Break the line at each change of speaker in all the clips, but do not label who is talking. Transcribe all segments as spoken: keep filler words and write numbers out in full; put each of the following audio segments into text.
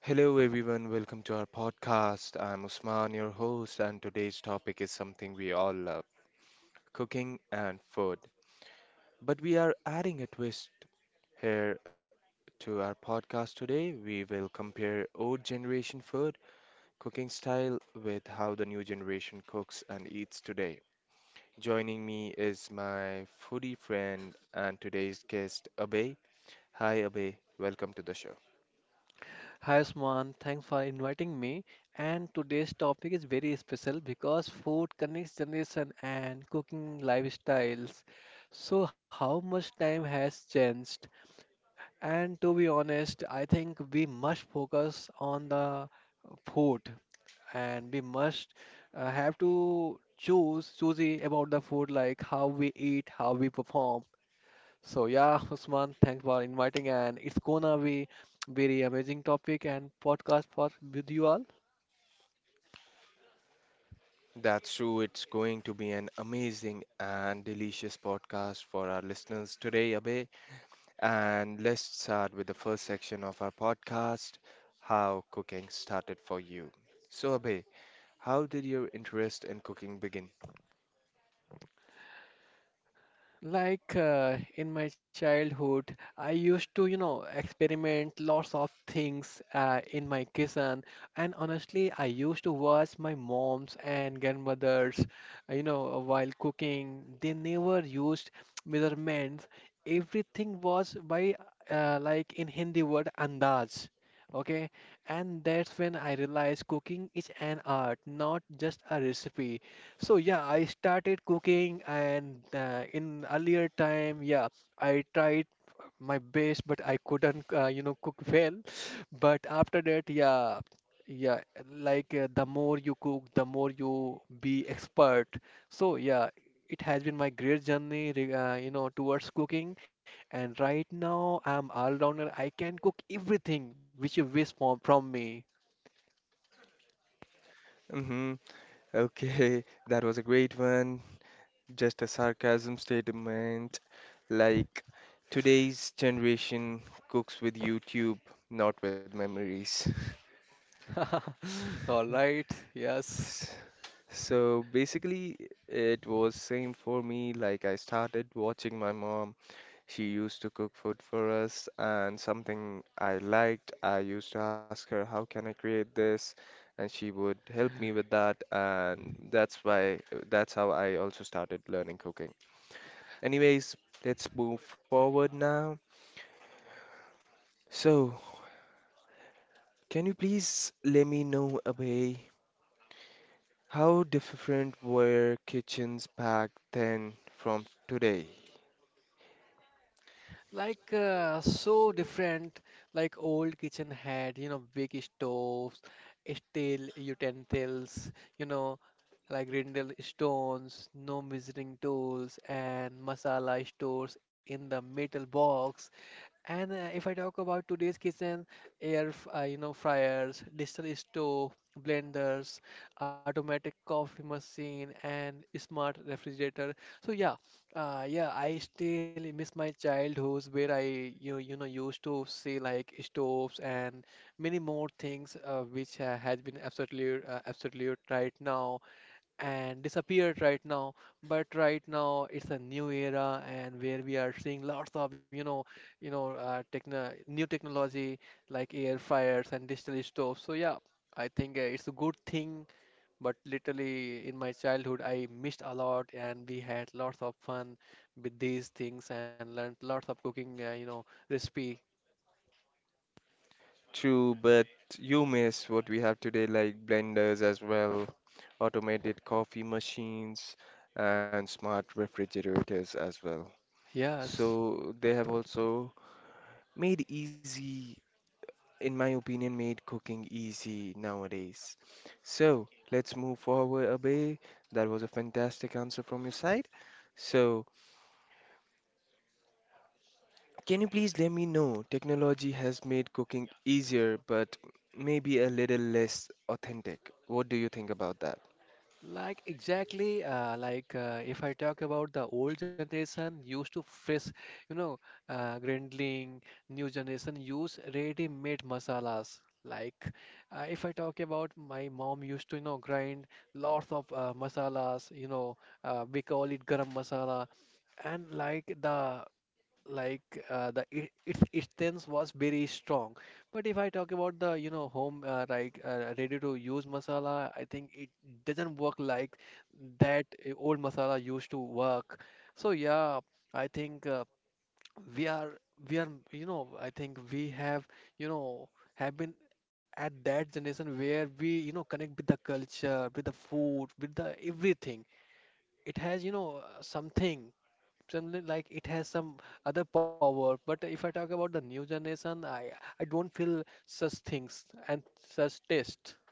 Hello, everyone. Welcome to our podcast. I'm Usman, your host, and today's topic is something we all love cooking and food. But we are adding a twist here to our podcast today. We will compare old generation food cooking style with how the new generation cooks and eats today. Joining me is my foodie friend and today's guest, Abhay. Hi, Abhay. Welcome to the show.
Hi Usman, thanks for inviting me. And today's topic is very special because food connects generation and cooking lifestyles. So how much time has changed? And to be honest, I think we must focus on the food and we must uh, have to choose choosy about the food, like how we eat, how we perform. So yeah, Usman, thanks for inviting, and it's gonna be very amazing topic and podcast for with you all.
That's true. It's going to be an amazing and delicious podcast for our listeners today, Abhay. And let's start with the first section of our podcast, How Cooking Started for You. So, Abhay, how did your interest in cooking begin?
Like uh, in my childhood, I used to, you know, experiment lots of things uh, in my kitchen. And honestly, I used to watch my moms and grandmothers, uh, you know, while cooking. They never used measurements. Everything was by, uh, like in Hindi word, andaz. Okay, and that's when I realized cooking is an art, not just a recipe. So yeah, I started cooking, and uh, in earlier time, yeah, I tried my best, but I couldn't, uh, you know, cook well. But after that, yeah, yeah, like uh, the more you cook, the more you be expert. So yeah, it has been my great journey, re- uh, you know, towards cooking. And right now, I'm all-rounder. I can cook everything which you wish for from me.
Mm-hmm. Okay, that was a great one. Just a sarcasm statement. Like, today's generation cooks with YouTube, not with memories.
All right, yes.
So basically, it was same for me. Like I started watching my mom. She used to cook food for us, and something I liked, I used to ask her, "How can I create this?" And she would help me with that, and that's why that's how I also started learning cooking. Anyways, let's move forward now. So, can you please let me know, Abhay, how different were kitchens back then from today?
Like uh, so different, like old kitchen had, you know, big stoves, steel utensils, you know, like brindle stones, no measuring tools, and masala stores in the metal box. And uh, if I talk about today's kitchen, air, f- uh, you know, fryers, digital stove, blenders, automatic coffee machine, and smart refrigerator. So yeah, uh, yeah, I still miss my childhood where I you you know used to see like stoves and many more things uh, which uh, has been absolutely uh, absolute right now and disappeared right now. But right now it's a new era, and where we are seeing lots of, you know, you know uh, techno new technology like air fryers and digital stoves. So yeah, I think uh, it's a good thing, but literally in my childhood I missed a lot, and we had lots of fun with these things and learned lots of cooking, uh, you know, recipe.
True, but you miss what we have today, like blenders as well, automated coffee machines, and smart refrigerators as well.
Yes.
So they have also made easy, in my opinion, made cooking easy nowadays. So let's move forward a bit. That was a fantastic answer from your side. So, can you please let me know? Technology has made cooking easier, but maybe a little less authentic. What do you think about that?
Like exactly, uh, like uh, if I talk about the old generation used to face, you know, uh, grindling. New generation use ready-made masalas. Like uh, if I talk about my mom used to, you know, grind lots of uh, masalas. You know, uh, we call it garam masala, and like the like uh, the it, its its taste was very strong. But if I talk about the, you know, home uh, like uh, ready to use masala, I think it doesn't work like that uh, old masala used to work. So yeah, I think uh, we are we are you know, I think we have, you know, have been at that generation where we, you know, connect with the culture, with the food, with the everything. It has, you know, uh, something something like it has some other power. But if I talk about the new generation, I I don't feel such things and such taste.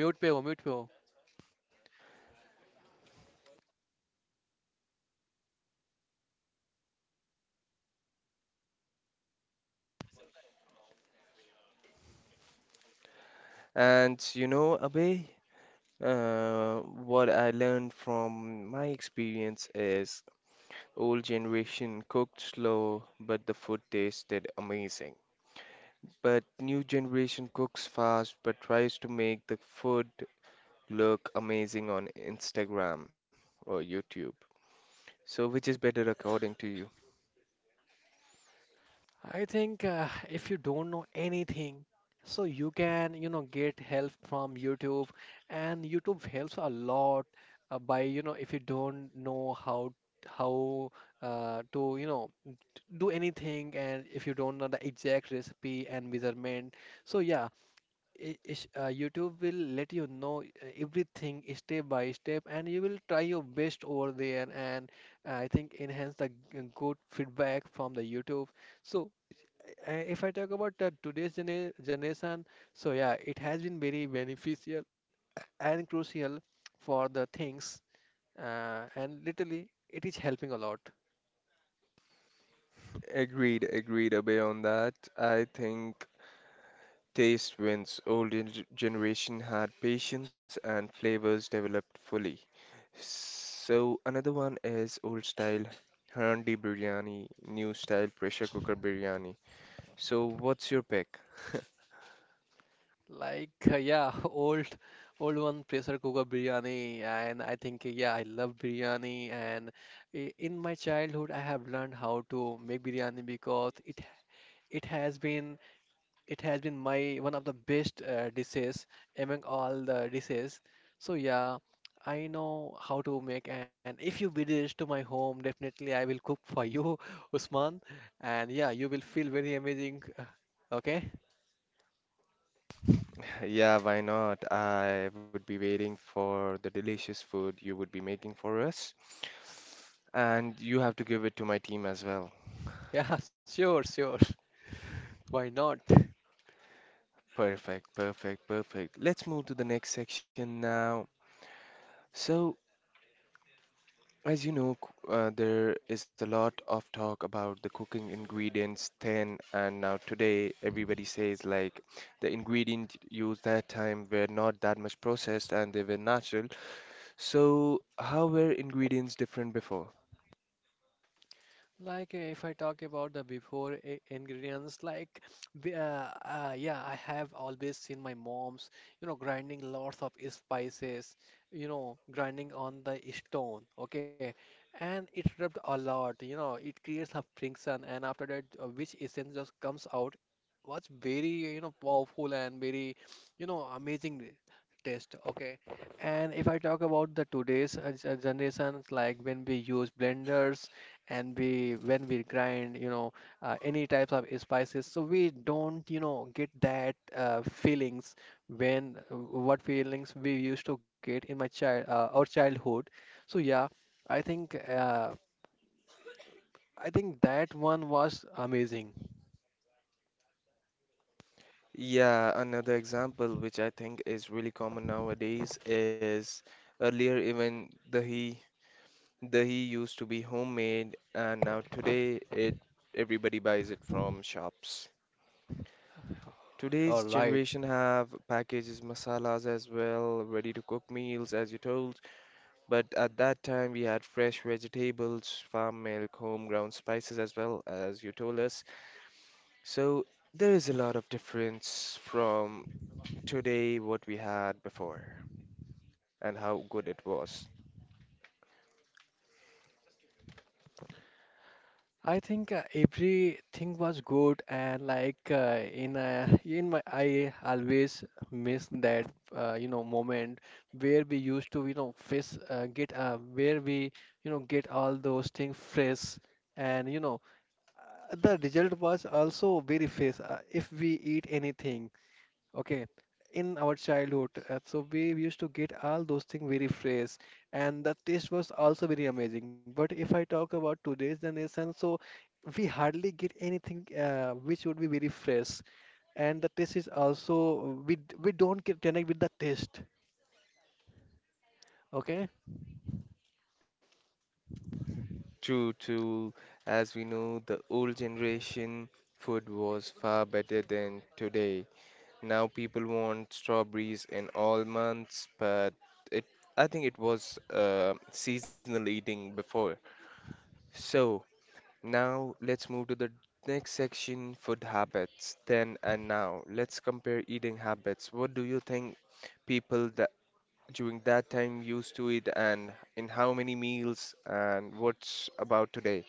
Mute pe ho, mute pe ho.
And you know, Abhay, uh, what I learned from my experience is old generation cooked slow, but the food tasted amazing. But new generation cooks fast, but tries to make the food look amazing on Instagram or YouTube. So, which is better according to you?
I think uh, if you don't know anything, so you can, you know, get help from YouTube, and YouTube helps a lot, uh, by, you know, if you don't know how how uh, to, you know, d- do anything, and if you don't know the exact recipe and measurement. So yeah, i- is- uh, YouTube will let you know uh, everything step by step, and you will try your best over there. And uh, I think enhance the g- good feedback from the YouTube. So, uh, if I talk about uh, today's gene- generation, so yeah, it has been very beneficial and crucial for the things, uh, and literally, it is helping a lot.
Agreed, agreed, Abhay, on that. I think taste wins. Old gen- generation had patience and flavors developed fully. So another one is old style handi biryani, new style pressure cooker biryani. So what's your pick?
Like uh, yeah, old old one pressure cooker biryani, and I think uh, yeah, I love biryani. And i- in my childhood, I have learned how to make biryani because it it has been it has been my one of the best uh, dishes among all the dishes. So yeah, I know how to make. And if you visit to my home, definitely I will cook for you, Usman. And yeah, you will feel very amazing. Okay?
Yeah, why not? I would be waiting for the delicious food you would be making for us, and you have to give it to my team as well.
Yeah, sure, sure. Why not?
Perfect, perfect, perfect. Let's move to the next section now. So, as you know, c- uh, there is a lot of talk about the cooking ingredients then and now, today everybody says like the ingredient used that time were not that much processed and they were natural. So, how were ingredients different before?
Like uh, if I talk about the before i- ingredients, like we- uh, uh, yeah, I have always seen my mom's, you know, grinding lots of spices, you know, grinding on the stone, okay, and it rubbed a lot, you know, it creates a friction, and after that, uh, which essence just comes out, was very, you know, powerful and very, you know, amazing taste, okay. And if I talk about the today's uh, ge- generations, like when we use blenders, and we when we grind, you know, uh, any types of spices, so we don't, you know, get that uh, feelings when, uh, what feelings we used to get in my child uh, our childhood. So yeah, i think uh, i think that one was amazing.
Yeah, another example which I think is really common nowadays is earlier, even dahi dahi used to be homemade, and now today it everybody buys it from shops. Today's
All right.
generation have packages, masalas as well, ready to cook meals as you told. But at that time we had fresh vegetables, farm milk, home homegrown spices as well, as you told us. So there is a lot of difference from today, what we had before and how good it was.
I think uh, everything was good, and like uh, in uh, in my, I always miss that uh, you know, moment where we used to, you know, face uh, get uh, where we, you know, get all those things fresh, and you know, uh, the result was also very fresh, uh, if we eat anything. Okay, in our childhood, uh, so we used to get all those things very fresh, and the taste was also very amazing. But if I talk about today's generation, so we hardly get anything uh, which would be very fresh, and the taste is also, we d- we don't get connect with the taste. Okay,
True, to as we know, the old generation food was far better than today. Now people want strawberries in all months, but it I think it was uh, seasonal eating before. So now let's move to the next section, food habits. Then and now, let's compare eating habits. What do you think people that during that time used to eat, and in how many meals, and what's about today?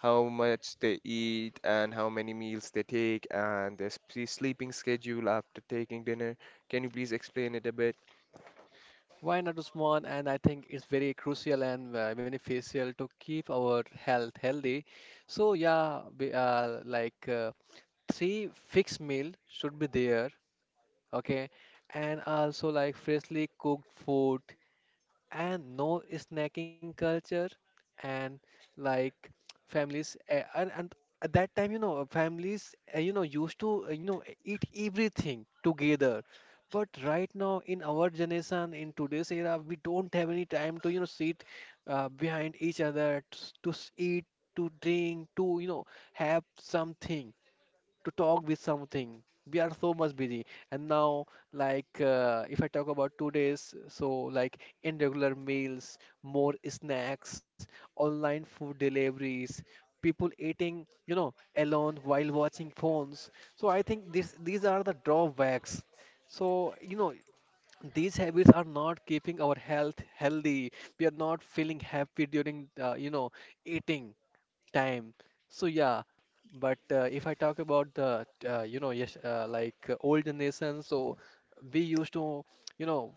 How much they eat and how many meals they take and their sp- sleeping schedule after taking dinner. Can you please explain it a bit?
why not is one? And I think it's very crucial and uh, beneficial to keep our health healthy. So yeah, be, uh, like. Uh, three fixed meal should be there, okay, and also like freshly cooked food, and no snacking culture, and like families, eh, and, and at that time, you know, families uh, you know, used to uh, you know, eat everything together. But right now, in our generation, in today's era, we don't have any time to, you know, sit uh, behind each other to, s- to s- eat, to drink, to, you know, have something, to talk with something. We are so much busy. And now, like, uh, if I talk about today's, so like irregular meals, more snacks, online food deliveries, people eating, you know, alone while watching phones. So I think this these are the drawbacks. So, you know, these habits are not keeping our health healthy. We are not feeling happy during, uh, you know, eating time. So yeah, but uh, if I talk about the, uh, you know, yes, uh, like uh, old generation, so we used to, you know,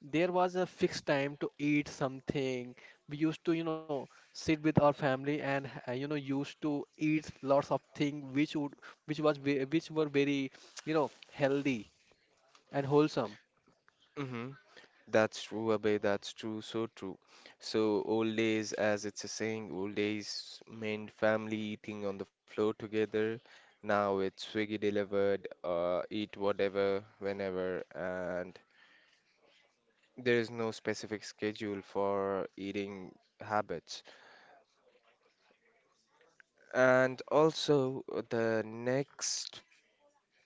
there was a fixed time to eat something. We used to, you know, sit with our family, and uh, you know, used to eat lots of things which would which was ve- which were very, you know, healthy and wholesome.
Hmm. That's true, Abhay. That's true. So true. So old days, as it's a saying, old days meant family eating on the floor together. Now it's Swiggy delivered, uh, eat whatever, whenever, and there is no specific schedule for eating habits. And also, the next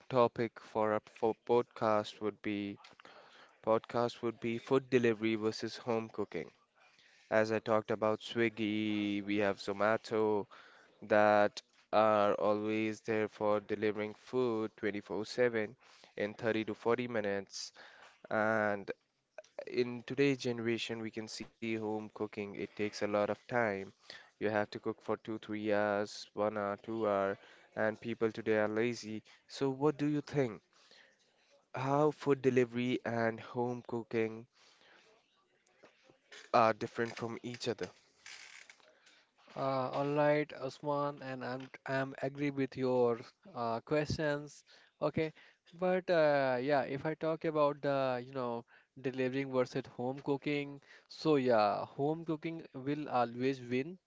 topic for our for podcast would be, podcast would be food delivery versus home cooking. As I talked about Swiggy, we have Zomato that are always there for delivering food twenty four seven in thirty to forty minutes. And in today's generation, we can see home cooking, it takes a lot of time. You have to cook for two, three hours, one hour, two hour, and people today are lazy. So what do you think? How food delivery and home cooking are different from each other.
Uh, all right, Usman, and I'm I'm agree with your uh, questions. Okay, but uh, yeah, if I talk about the, you know, delivering versus home cooking, so yeah, home cooking will always win.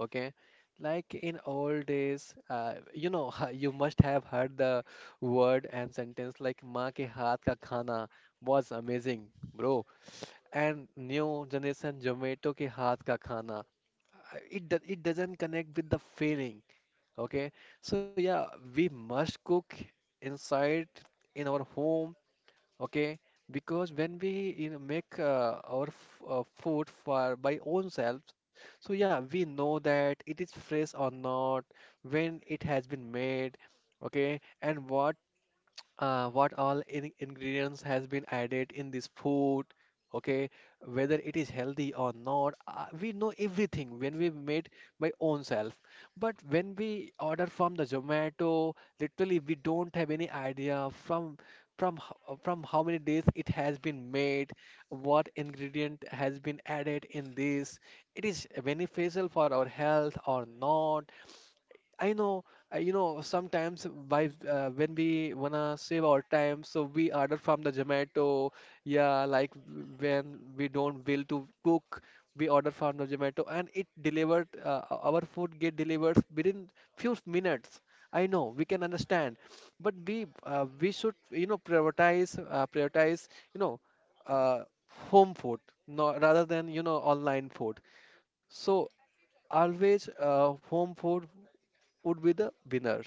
Okay, like in old days, uh, you know, you must have heard the word and sentence like "माँ के हाथ का खाना" was amazing, bro. And new generation Zomato के हाथ का खाना, uh, it do- it doesn't connect with the feeling. Okay, so yeah, we must cook inside in our home, okay, because when we, you know, make uh, our f uh, food for by own selves, so yeah, we know that it is fresh or not, when it has been made, okay, and what uh, what all in ingredients has been added in this food, okay, whether it is healthy or not, uh, we know everything when we made by own self. But when we order from the Zomato, literally we don't have any idea from from ho- from how many days it has been made, what ingredient has been added in this, it is beneficial for our health or not. I know, uh, you know, sometimes by uh, when we wanna save our time, so we order from the Zomato. Yeah, like w- when we don't will to cook, we order from the Zomato, and it delivered. Uh, o- our food get delivered within few minutes. I know we can understand, but we uh, we should, you know, prioritize uh, prioritize, you know, uh, home food, no, rather than, you know, online food. So always uh, home food would be the winner.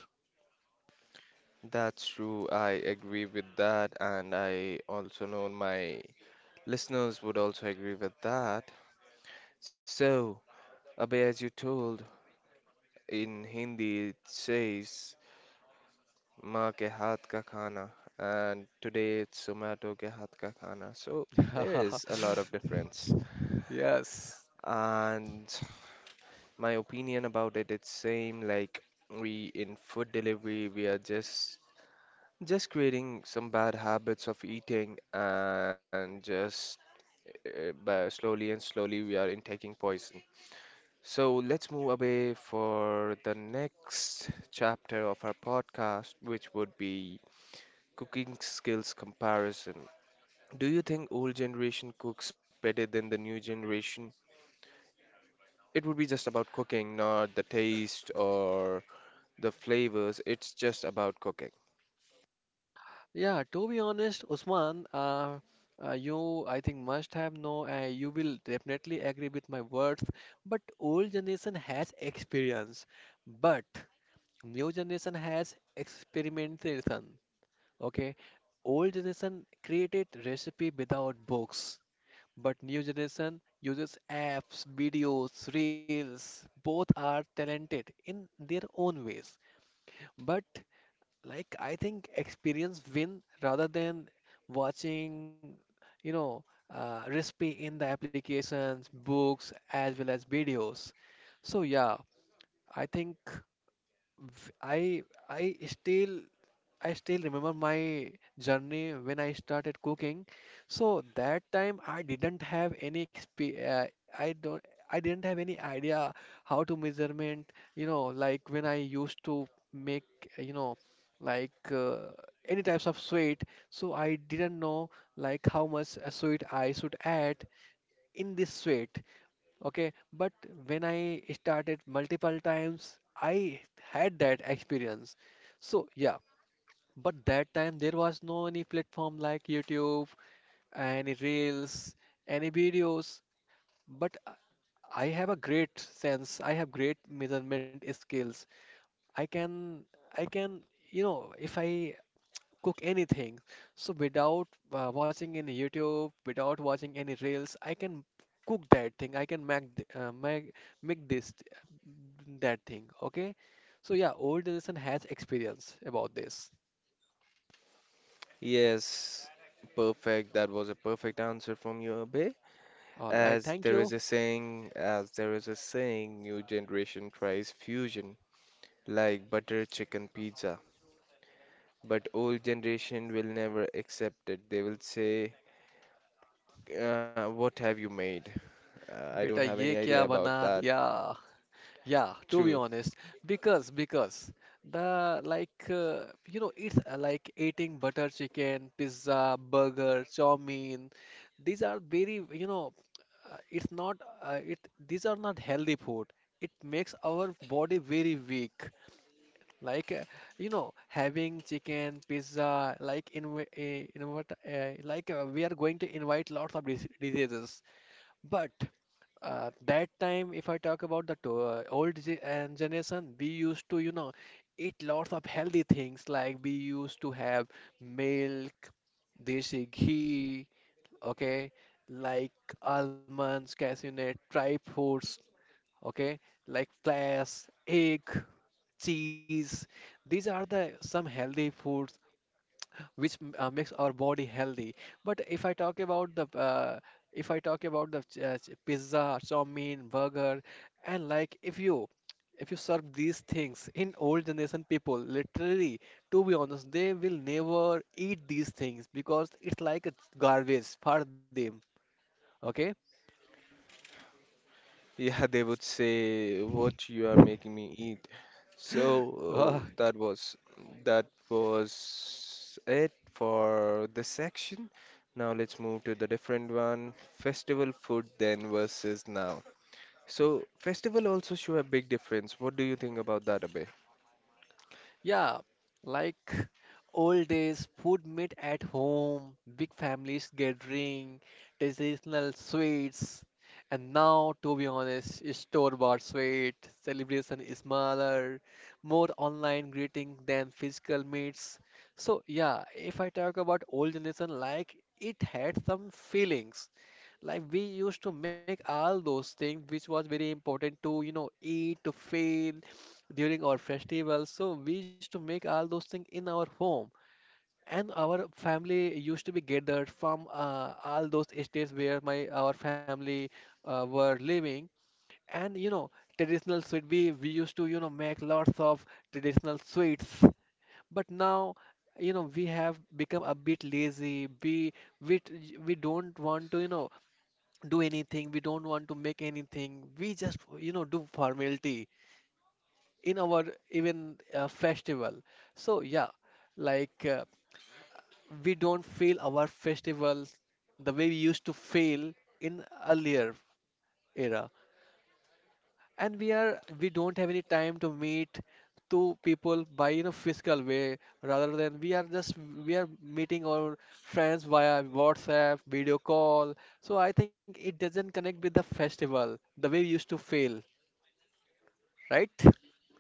That's true. I agree with that. And I also know my listeners would also agree with that. So, Abhay, as you told, in Hindi it says, Maa ke haath ka khana. And today it's Zomato ke haath ka khana. So, there is a lot of difference.
Yes.
And my opinion about it, it's same, like we, in food delivery, we are just Just creating some bad habits of eating, and just, uh, by slowly and slowly we are intaking poison. So let's move away for the next chapter of our podcast, which would be cooking skills comparison. Do you think old generation cooks better than the new generation? It would be just about cooking, not the taste or the flavors. It's just about cooking.
Yeah, to be honest, Usman, uh, uh, you, I think, must have know, uh, you will definitely agree with my words, but old generation has experience, but new generation has experimentation. Okay, old generation created recipe without books, but new generation uses apps, videos, reels. Both are talented in their own ways, but like I think experience win rather than watching, you know, uh, recipe in the applications, books as well as videos. So yeah, I think v- I I still I still remember my journey when I started cooking. So that time I didn't have any exp uh, I don't I didn't have any idea how to measurement, you know, like when I used to make, uh, you know, like uh, any types of sweet. So I didn't know like how much uh, sweet I should add in this sweet. Okay, but when I started multiple times, I had that experience. So yeah, but that time there was no any platform like YouTube, any reels, any videos. But I I have a great sense. I have great measurement skills. I can, I can, you know, if I cook anything, so without uh, watching any YouTube, without watching any reels, I can cook that thing. I can make th- uh, make make this th- that thing. Okay. So yeah, old generation has experience about this.
Yes, perfect. That was a perfect answer from you, Abhay.
All right.
As there
Thank
is a
you.
saying, as there is a saying, new generation tries fusion like butter chicken pizza, but old generation will never accept it. They will say, uh, "What have you made? Uh, I don't
बेटा
have any
ये
idea
क्या बना
about that."
दिया. Yeah, to be
True.
honest, because because the like uh, you know it's uh, like eating butter chicken pizza burger chow mein, these are very you know uh, it's not uh, it these are not healthy food, it makes our body very weak, like uh, you know having chicken pizza, like in uh, invite uh, like uh, we are going to invite lots of dis diseases. But uh, that time if I talk about the to- uh, old ge- and generation, we used to, you know, eat lots of healthy things, like we used to have milk, desi ghee, okay, like almonds, cashew nut, dry fruits, okay, like flax egg, cheese, these are the some healthy foods which m- uh, makes our body healthy. But if I talk about the uh, if I talk about the ch- uh, ch- pizza, chowmein, burger, and like if you if you serve these things in old generation people, literally, to be honest, they will never eat these things because it's like it's garbage for them. Okay.
Yeah, they would say, "What you are making me eat." So uh, that was that was it for this section. Now let's move to the different one, festival food then versus now. So festival also show a big difference. What do you think about that, Abhay?
Yeah, like old days, food made at home, big families gathering, traditional sweets, and now, to be honest, store-bought sweet. Celebration is smaller, more online greeting than physical meets. So yeah, if I talk about old generation, like it had some feelings. Like we used to make all those things which was very important to, you know, eat, to fail during our festivals. So we used to make all those things in our home. And our family used to be gathered from uh, all those estates where my our family uh, were living. And you know, traditional sweet we we used to, you know, make lots of traditional sweets. But now, you know, we have become a bit lazy. We we t- we don't want to, you know, do anything, we don't want to make anything, we just you know do formality in our even uh, festival. So yeah, like uh, we don't feel our festivals the way we used to feel in earlier era. And we are we don't have any time to meet to people by you know physical way, rather than we are just we are meeting our friends via WhatsApp video call. So I think it doesn't connect with the festival the way we used to feel, right?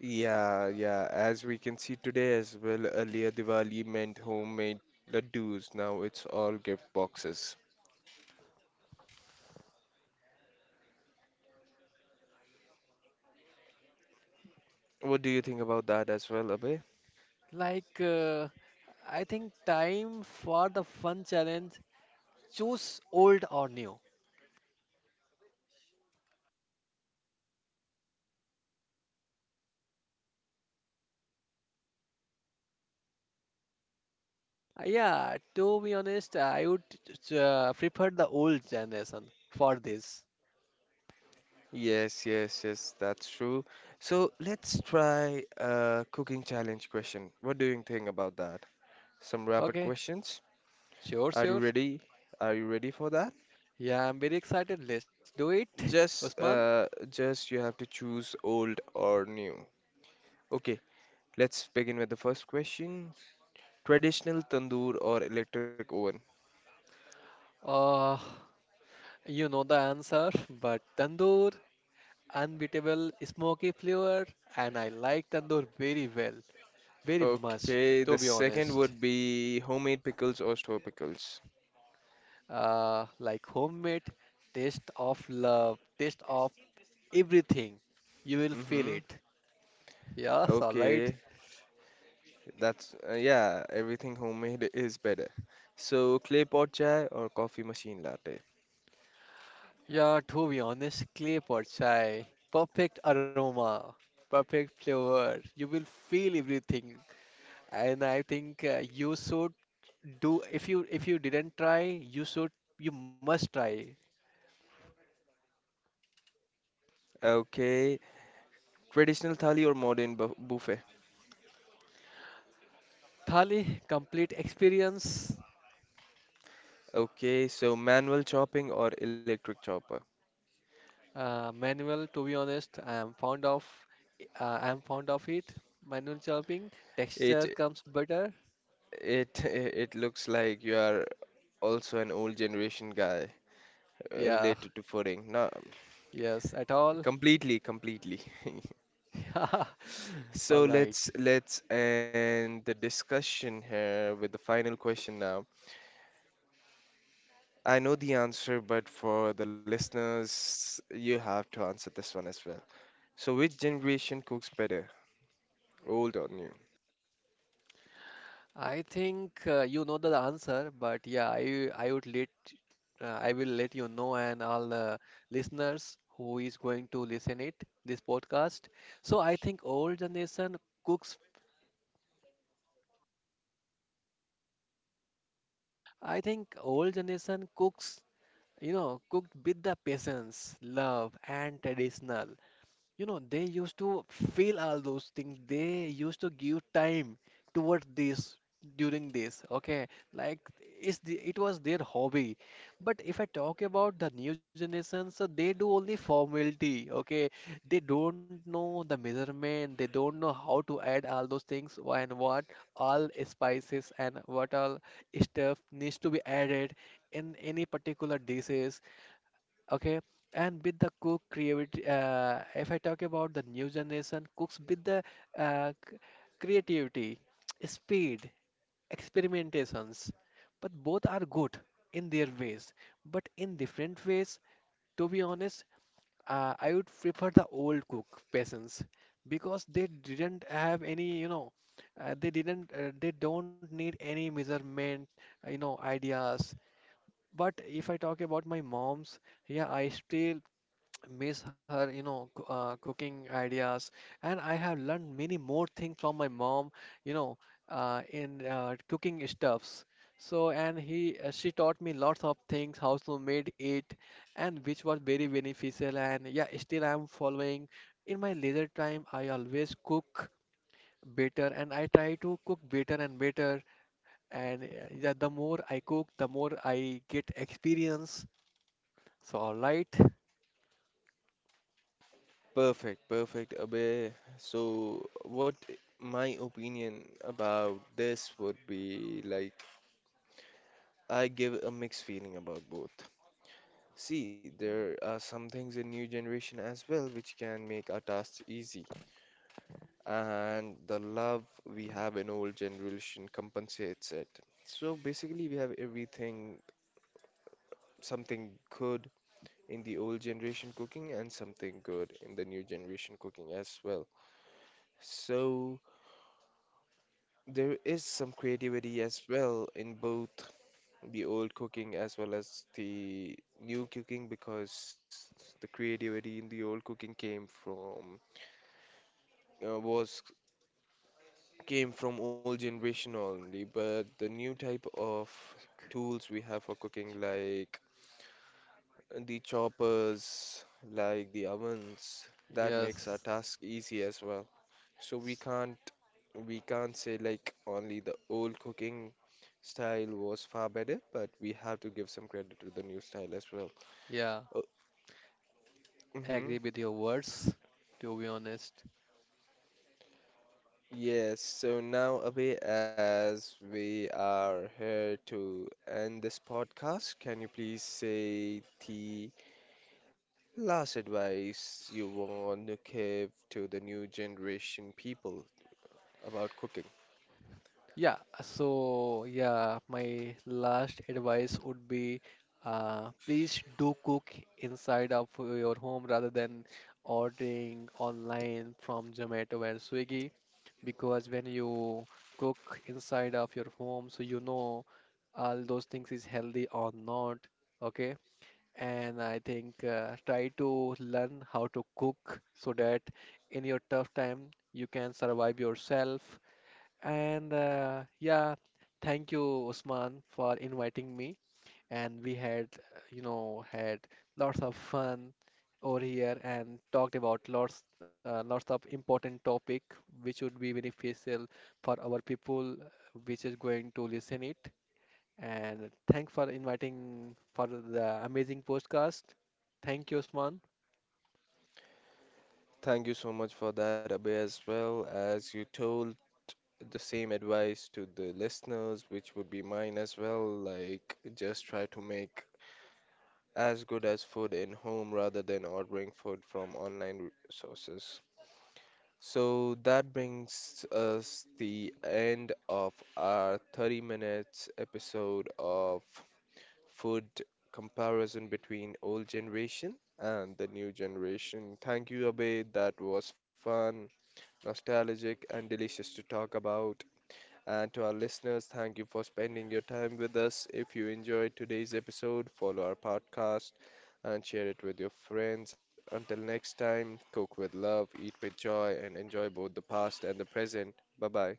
Yeah, yeah. As we can see today as well, earlier Diwali meant homemade ladoos. Now it's all gift boxes. What do you think about that as well, Abhay?
Like, uh, I think time for the fun challenge. Choose old or new. Uh, Yeah, to be honest, I would uh, prefer the old generation for this.
Yes, yes, yes, that's true. So let's try a cooking challenge question. What do you think about that? Some rapid
Okay,
questions.
sure,
Are you
sure.
ready? Are you ready for that?
Yeah, I'm very excited. Let's do it,
Just,
Usman.
uh, just you have to choose old or new. Okay, let's begin with the first question. Traditional tandoor or electric oven?
Uh, you know the answer, but tandoor, unbeatable smoky flavor, and I like tandoor very well, very much, to
Okay,
be
the
honest.
second would be homemade pickles or store pickles.
Uh, like homemade, taste of love, taste of everything. You will feel
Mm-hmm.
it. Yes, all
Okay,
right.
That's uh, yeah, everything homemade is better. So clay pot chai or coffee machine latte.
Yeah, to be honest, clay pot chai, perfect aroma, perfect flavor. You will feel everything, and I think uh, you should do. If you if you didn't try, you should you must try.
Okay, traditional thali or modern bu buffet.
Thali complete experience.
Okay, so manual chopping or electric chopper.
Uh, manual, to be honest, I am fond of. Uh, I am fond of it. Manual chopping,
It
texture comes better.
it it looks like you are also an old generation guy, uh,
Yeah,
related to fooding. No,
yes, at all.
completely, completely.
Yeah, all
So
right.
let's let's end the discussion here with the final question now. I know the answer, but for the listeners, you have to answer this one as well. So, which generation cooks better, old or new?
I think uh, you know the answer, but yeah, I I would let uh, I will let you know and all the listeners who is going to listen it this podcast. So I think old generation cooks. I think old generation cooks, you know, cooked with the patience, love, and traditional. You know, they used to feel all those things. They used to give time toward this during this. Okay, like it's the, it was their hobby. But if I talk about the new generation, so they do only formality. Okay, they don't know the measurement. They don't know how to add all those things and what all spices and what all stuff needs to be added in any particular dishes. Okay, and with the cook creativity, uh, if I talk about the new generation cooks with the uh, c- creativity, speed, experimentations, but both are good in their ways, but in different ways. To be honest, uh, I would prefer the old cook peasants because they didn't have any, you know, uh, they didn't, uh, they don't need any measurement, uh, you know, ideas. But if I talk about my mom's, yeah, I still miss her, you know, c- uh, cooking ideas. And I have learned many more things from my mom, you know, uh, in uh, cooking stuffs. So and he uh, she taught me lots of things how to made it, and which was very beneficial. And yeah, still I'm following. In my leisure time I always cook better, and I try to cook better and better. And uh, yeah, the more I cook, the more I get experience. So all right.
Perfect, perfect, Abhay. So, what my opinion about this would be like, I give a mixed feeling about both. See, there are some things in new generation as well which can make our tasks easy, and the love we have in old generation compensates it. So basically, we have everything something good in the old generation cooking and something good in the new generation cooking as well. So there is some creativity as well in both the old cooking as well as the new cooking, because the creativity in the old cooking came from uh, was came from old generation only, but the new type of tools we have for cooking, like the choppers, like the ovens, that makes our
Yes.
task easy as well. So we can't we can't say like only the old cooking style was far better, but we have to give some credit to the new style as well.
Yeah,
Oh, hmm.
agree with your words, to be honest.
Yes, so now Abhay, as we are here to end this podcast, can you please say the last advice you want to give to the new generation people about cooking?
Yeah, so yeah, my last advice would be, uh, please do cook inside of your home rather than ordering online from Zomato and Swiggy, because when you cook inside of your home, so you know all those things is healthy or not. Okay, and I think uh, try to learn how to cook so that in your tough time you can survive yourself. And uh, yeah, thank you, Usman, for inviting me. And we had, uh, you know, had lots of fun over here and talked about lots, uh, lots of important topic which would be beneficial for our people, uh, which is going to listen it. And thanks for inviting for the amazing podcast. Thank you, Osman.
Thank you so much for that, Abhay, as well as you told the same advice to the listeners, which would be mine as well. Like, just try to make as good as food in home rather than ordering food from online sources. So that brings us the end of our thirty minutes episode of food comparison between old generation and the new generation. Thank you, Abhay. That was fun, nostalgic, and delicious to talk about. And to our listeners, thank you for spending your time with us. If you enjoyed today's episode, follow our podcast and share it with your friends. Until next time, cook with love, eat with joy, and enjoy both the past and the present. Bye bye.